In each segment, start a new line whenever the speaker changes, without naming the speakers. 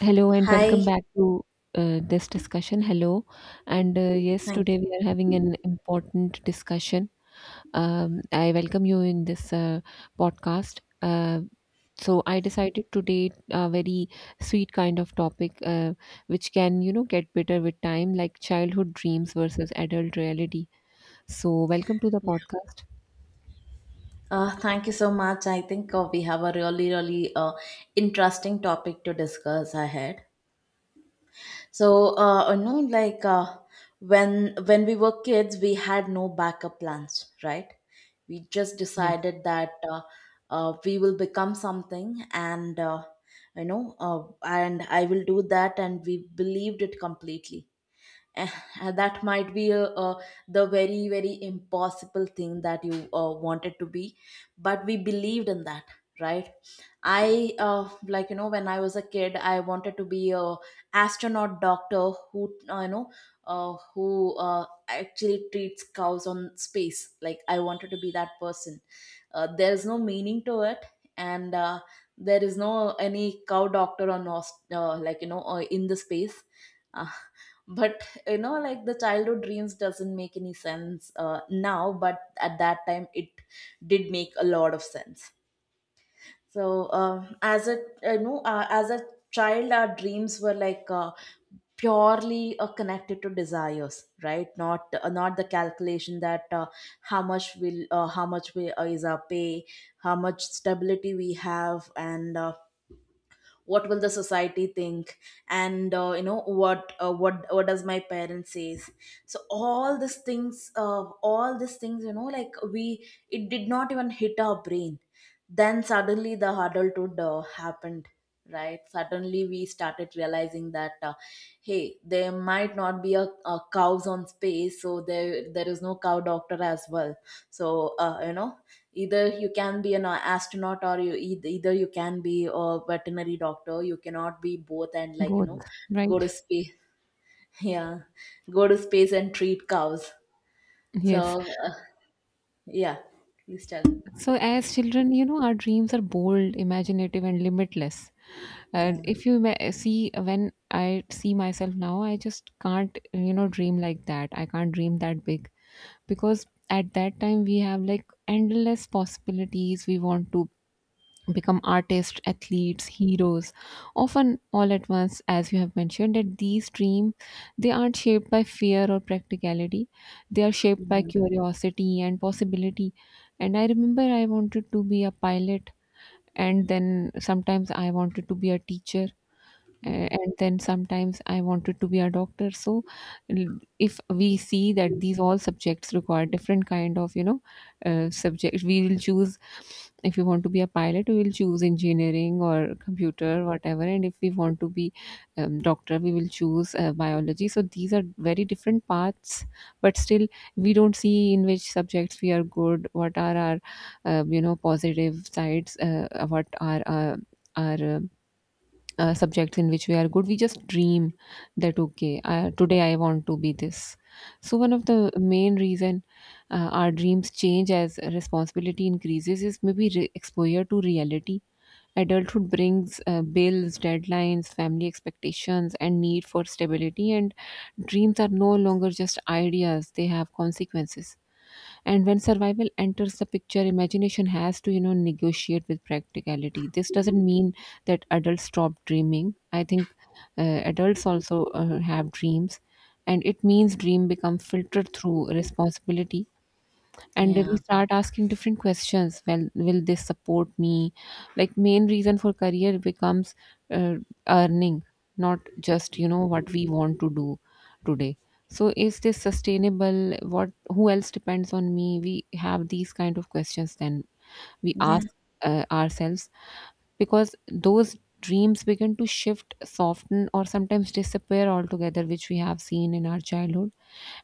Hello and
Hi,
welcome back to this discussion. Hello, and yes,
thank
today we are having an important discussion. I welcome you in this podcast. So I decided today a very sweet kind of topic, which can, you know, get better with time, like childhood dreams versus adult reality. So welcome to the
you.
podcast.
Thank you so much. I think we have a really, really interesting topic to discuss ahead. So, when we were kids, we had no backup plans, right? We just
Yes,
decided that we will become something, and and I will do that, and we believed it completely. Eh, that might be the very impossible thing that you wanted to be, but we believed in that, right? I like you know, when I was a kid, I wanted to be a astronaut doctor who who actually treats cows on space. Like I wanted to be that person. There is no meaning to it, and there is no any cow doctor on like you know in the space. Uh, but you know, like the childhood dreams doesn't make any sense now, but at that time it did make a lot of sense. So as a, as a child, our dreams were like purely connected to desires, right? Not the calculation that how much will how much we is our pay, how much stability we have, and what will the society think and what what does my parents says. So all these things, all these things, you know, like we, it did not even hit our brain. Then suddenly the adulthood happened, right? Suddenly we started realizing that hey, there might not be a cows on space, so there is no cow doctor as well. So either you can be an astronaut, or you either you can be a veterinary doctor. You cannot be both, and like you know,
both, right?
go to space. Yeah, go to space and treat cows.
Yes.
So yeah, please tell.
So, as children, you know, our dreams are bold, imaginative, and limitless. And
Yeah.
if you ma- see, when I see myself now, I just can't, you know, dream like that. I can't dream that big because at that time we have like endless possibilities. We want to become artists, athletes, heroes, often all at once. As you have mentioned, that these dreams, they aren't shaped by fear or practicality. They are shaped by
Yeah.
curiosity and possibility. And I remember I wanted to be a pilot, and then sometimes I wanted to be a teacher,
Mhm.
and then sometimes I wanted to be a doctor. So, l- if we see that these all subjects require different kind of, you know, subject we will choose. If you want to be a pilot, we will choose engineering or computer, whatever, and if we want to be, doctor, we will choose biology. So these are very different paths, but still we don't see in which subjects we are good, what are our you know, positive sides, what are our subjects in which we are good. We just dream that, okay, I, today I want to be this. So one of the main reason our dreams change as responsibility increases is maybe exposure to reality. Adulthood brings bills, deadlines, family expectations, and need for stability, and dreams are no longer just ideas, they have consequences. And when survival enters the picture, imagination has to, you know, negotiate with practicality. This doesn't mean that adults stop dreaming. I think adults also have dreams, and it means dream become filtered through responsibility, and we
Yeah.
start asking different questions. Well, will this support me? Like, main reason for career becomes uh, earning, not just, you know, what we want to do today. So, is this sustainable? What, who else depends on me? We have these kind of questions then we
Yeah.
ask ourselves, because those dreams begin to shift, soften, or sometimes disappear altogether, which we have seen in our childhood.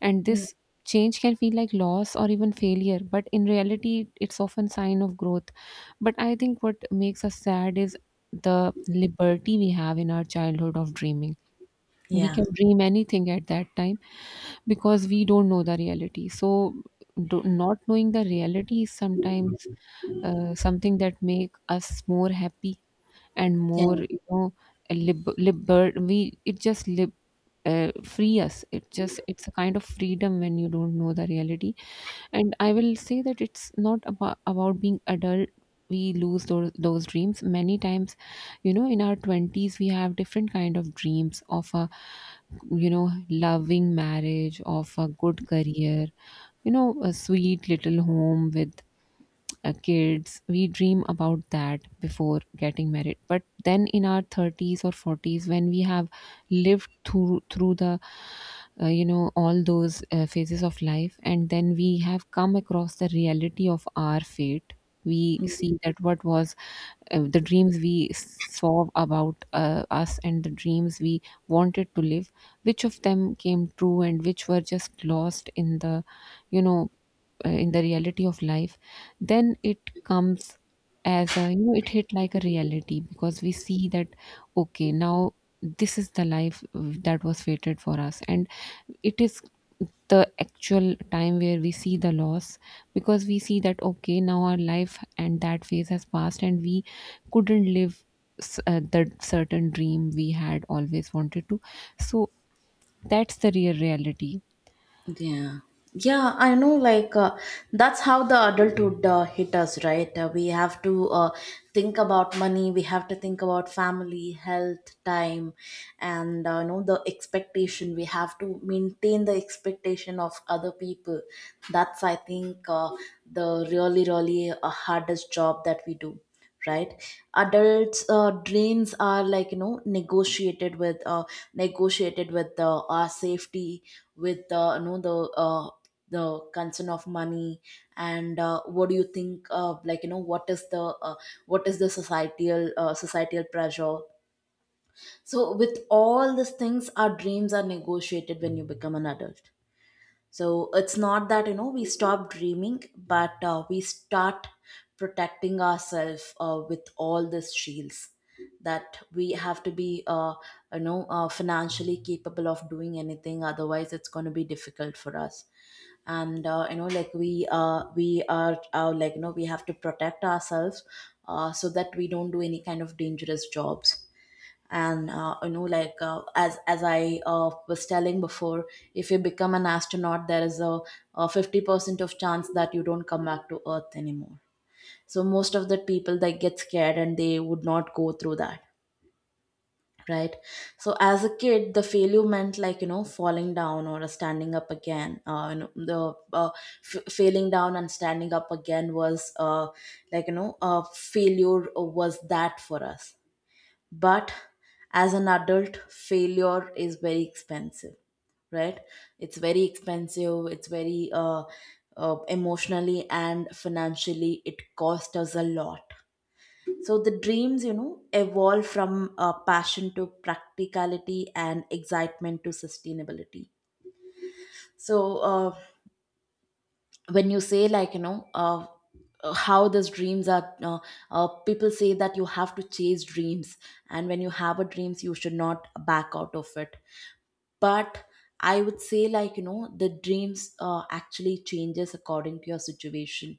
And
Mm-hmm.
this change can feel like loss or even failure, but in reality it's often sign of growth. But I think what makes us sad is the liberty we have in our childhood of dreaming. We
Yeah.
can dream anything at that time because we don't know the reality. So, do, not knowing the reality is sometimes something that make us more happy and
Yeah.
more, you know, we it just lib- free us. It just, it's a kind of freedom when you don't know the reality. And I will say that it's not about, being adult. We lose those dreams many times. You know, in our 20s we have different kind of dreams of a, you know, loving marriage, of a good career, you know, a sweet little home with kids. We dream about that before getting married. But then in our 30s or 40s, when we have lived through the you know, all those phases of life, and then we have come across the reality of our fate, we see that what was the dreams we saw about us, and the dreams we wanted to live, which of them came true and which were just lost in the, you know, in the reality of life. Then it comes as a, you know, it hit like a reality, because we see that, okay, now this is the life that was fated for us, and it is the actual time where we see the loss. Because we see that, okay, now our life and that phase has passed and we couldn't live the certain dream we had always wanted to. So that's the real reality.
Yeah. Yeah, I know, like, that's how the adulthood hit us, right? We have to think about money, we have to think about family, health, time, and, the expectation. We have to maintain the expectation of other people. That's, I think, the really, really hardest job that we do, right? Adults dreams are, like you know, negotiated with our safety, with uh, the concern of money. And what do you think of, like you know, what is the societal, societal pressure? So with all these things, our dreams are negotiated when you become an adult. So it's not that, you know, we stop dreaming, but we start protecting ourselves with all these shields, that we have to be, financially capable of doing anything. Otherwise, it's going to be difficult for us. And, we are, we have to protect ourselves, so that we don't do any kind of dangerous jobs. And as I was telling before, if you become an astronaut, there is a 50% of chance that you don't come back to earth anymore. So most of the people, they get scared and they would not go through that, right? So as a kid, the failure meant, like you know, falling down or standing up again. Failing down and standing up again was like you know, failure was that for us. But as an adult, failure is very expensive, right? It's very expensive, it's very emotionally and financially it cost us a lot. So the dreams, you know, evolve from passion to practicality, and excitement to sustainability. So when you say, like you know, how these dreams are people say that you have to chase dreams, and when you have a dreams you should not back out of it. But I would say, like you know, the dreams actually changes according to your situation.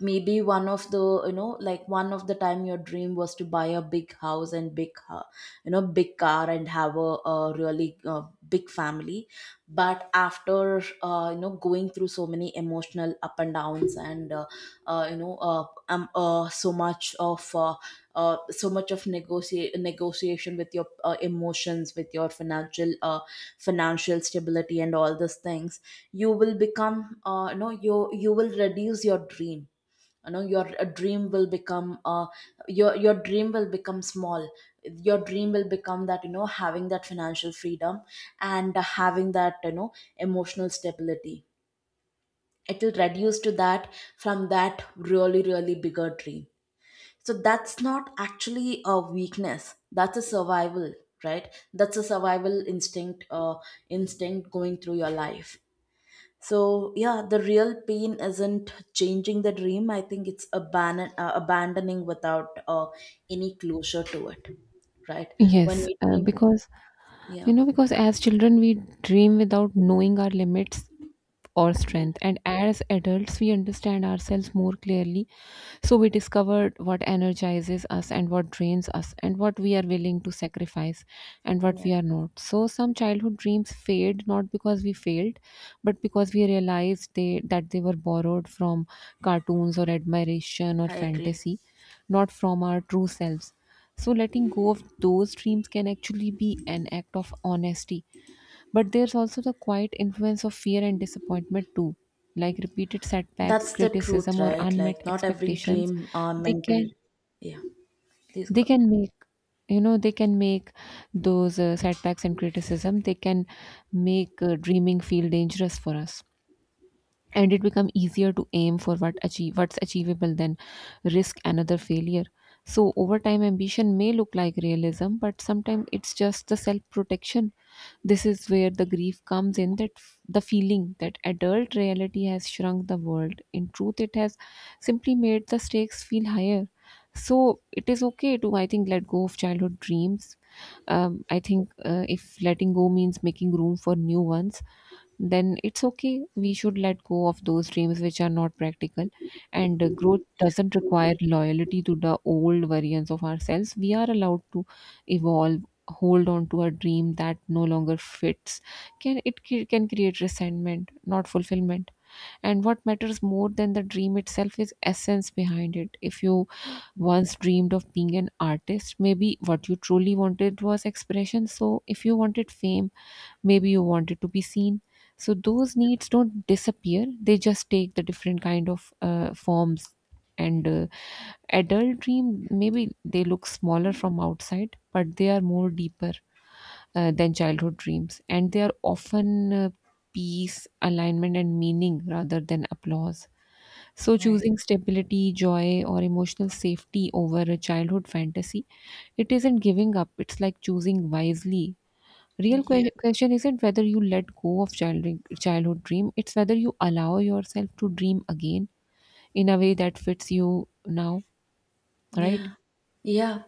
Maybe one of the, you know, like one of the time, your dream was to buy a big house and big big car, and have a really big family. But after going through so many emotional up and downs, and uh, you know uh, um, uh, so much of uh, so much of negotiate negotiation with your emotions, with your financial, financial stability, and all these things, you will become, you, you will reduce your dream. You know, your dream will become, your dream will become small. Your dream will become that, you know, having that financial freedom and having that, you know, emotional stability. It will reduce to that from that really really bigger dream. So that's not actually a weakness, that's a survival, right? That's a survival instinct, instinct going through your life. So yeah, the real pain isn't changing the dream, I think it's abandoning without any closure to it, right?
Yes,
When we dream.
because,
Yeah.
you know, because as children, we dream without knowing our limits or
Yeah,
strength. And as adults, we understand ourselves more clearly. So we discover what energizes us and what drains us, and what we are willing to sacrifice and what
yeah,
we are not. So some childhood dreams fade not because we failed, but because we realized they that they were borrowed from cartoons or admiration or
I agree.
fantasy, not from our true selves. So letting go of those dreams can actually be an act of honesty. But there's also the quiet influence of fear and disappointment, too. Like repeated setbacks,
That's the truth,
criticism, or
right?
unmet
Like, not every
expectations,
dream are
they
meant to.
can
Yeah, please
they
go ahead.
can make, you know, they can make those setbacks and criticism. They can make dreaming feel dangerous for us, and it become easier to aim for what achieve what's achievable than risk another failure. So over time ambition may look like realism, but sometimes it's just the self protection. This is where the grief comes in, that the feeling that adult reality has shrunk the world. In truth, it has simply made the stakes feel higher. So it is okay to, I think, let go of childhood dreams. I think if letting go means making room for new ones, then it's okay. We should let go of those dreams which are not practical. And growth doesn't require loyalty to the old versions of ourselves. We are allowed to evolve, hold on to a dream that no longer fits. Can create resentment, not fulfillment. And what matters more than the dream itself is essence behind it. If you once dreamed of being an artist, maybe what you truly wanted was expression. So if you wanted fame, maybe you wanted to be seen. So those needs don't disappear, they just take the different kind of forms. And adult dream, maybe they look smaller from outside, but they are more deeper than childhood dreams, and they are often peace, alignment, and meaning rather than applause. So
Right.
choosing stability, joy, or emotional safety over a childhood fantasy, it isn't giving up, it's like choosing wisely. Real
Yeah.
question isn't whether you let go of childhood dream, it's whether you allow yourself to dream again in a way that fits you now, right?
Yeah, yeah,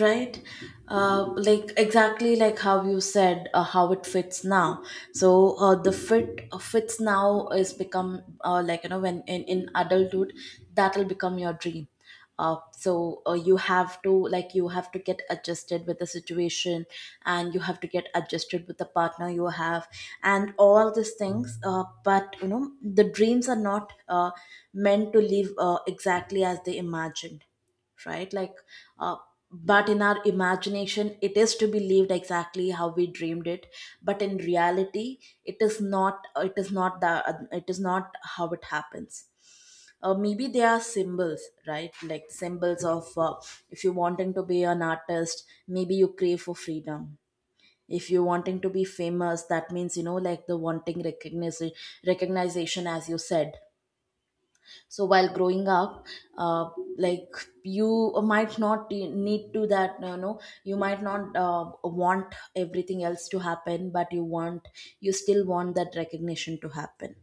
right. Like exactly like how you said, how it fits now. So the fits now is become, like you know, when, in adulthood, that will become your dream. So you have to, like, you have to get adjusted with the situation, and you have to get adjusted with the partner you have, and all these things. But you know, the dreams are not meant to live exactly as they imagined, right? Like, uh, but in our imagination it is to be lived exactly how we dreamed it. But in reality it is not, it is not that it is not how it happens. Uh, maybe they are symbols, right? Like symbols of, if you're wanting to be an artist, maybe you crave for freedom. If you're wanting to be famous, that means, you know, like, the wanting recognition, recognition, as you said. So while growing up, uh, like, you might not need to, that you know, you might not want everything else to happen, but you want, you still want that recognition to happen.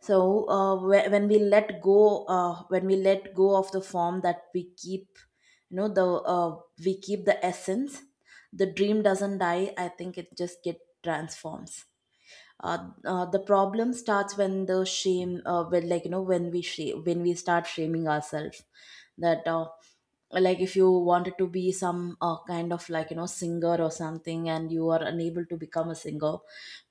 So when we let go, when we let go of the form that we keep, you know, the uh, we keep the essence. The dream doesn't die, I think it just get transforms. The problem starts when the shame, when, like you know, when when we start shaming ourselves, that like, if you wanted to be some kind of, like you know, singer or something, and you are unable to become a singer,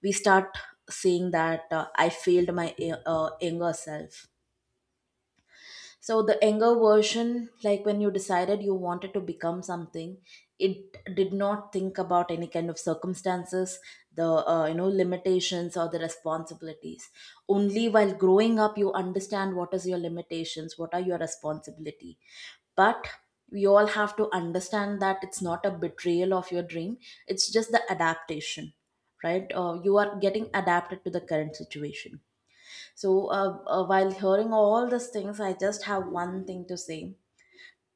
we start saying that I failed my younger self. So the anger version, like, when you decided you wanted to become something, it did not think about any kind of circumstances, the you know, limitations or the responsibilities. Only while growing up, you understand what is your limitations, what are your responsibility. But we all have to understand that it's not a betrayal of your dream; it's just the adaptation, right? You are getting adapted to the current situation. So, while hearing all these things, I just have one thing to say.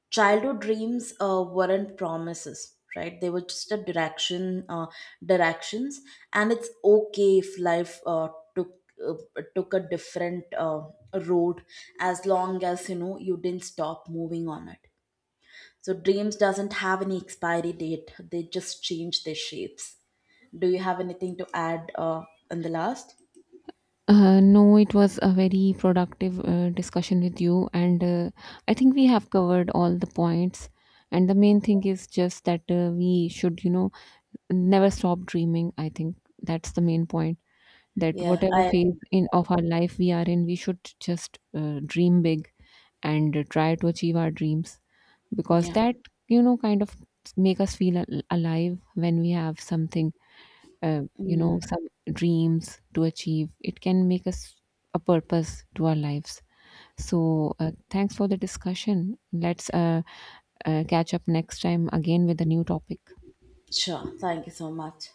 Childhood dreams weren't promises, right? They were just a direction, directions, and it's okay if life took uh, took a different road, as long as, you know, you didn't stop moving on it. So, dreams doesn't have any expiry date; they just change their shapes. Do you have anything to add in the last?
No, it was a very productive discussion with you, and I think we have covered all the points. And the main thing is just that we should, you know, never stop dreaming. I think that's the main point. That
Yeah,
whatever
I
phase
agree to
in of
that.
our life we are in, we should just dream big and try to achieve our dreams. Because
Yeah.
that, you know, kind of make us feel alive. When we have something, you
Yeah.
know, some dreams to achieve, it can make us a purpose to our lives. So thanks for the discussion. Let's catch up next time again with a new topic.
Sure. Thank you so much.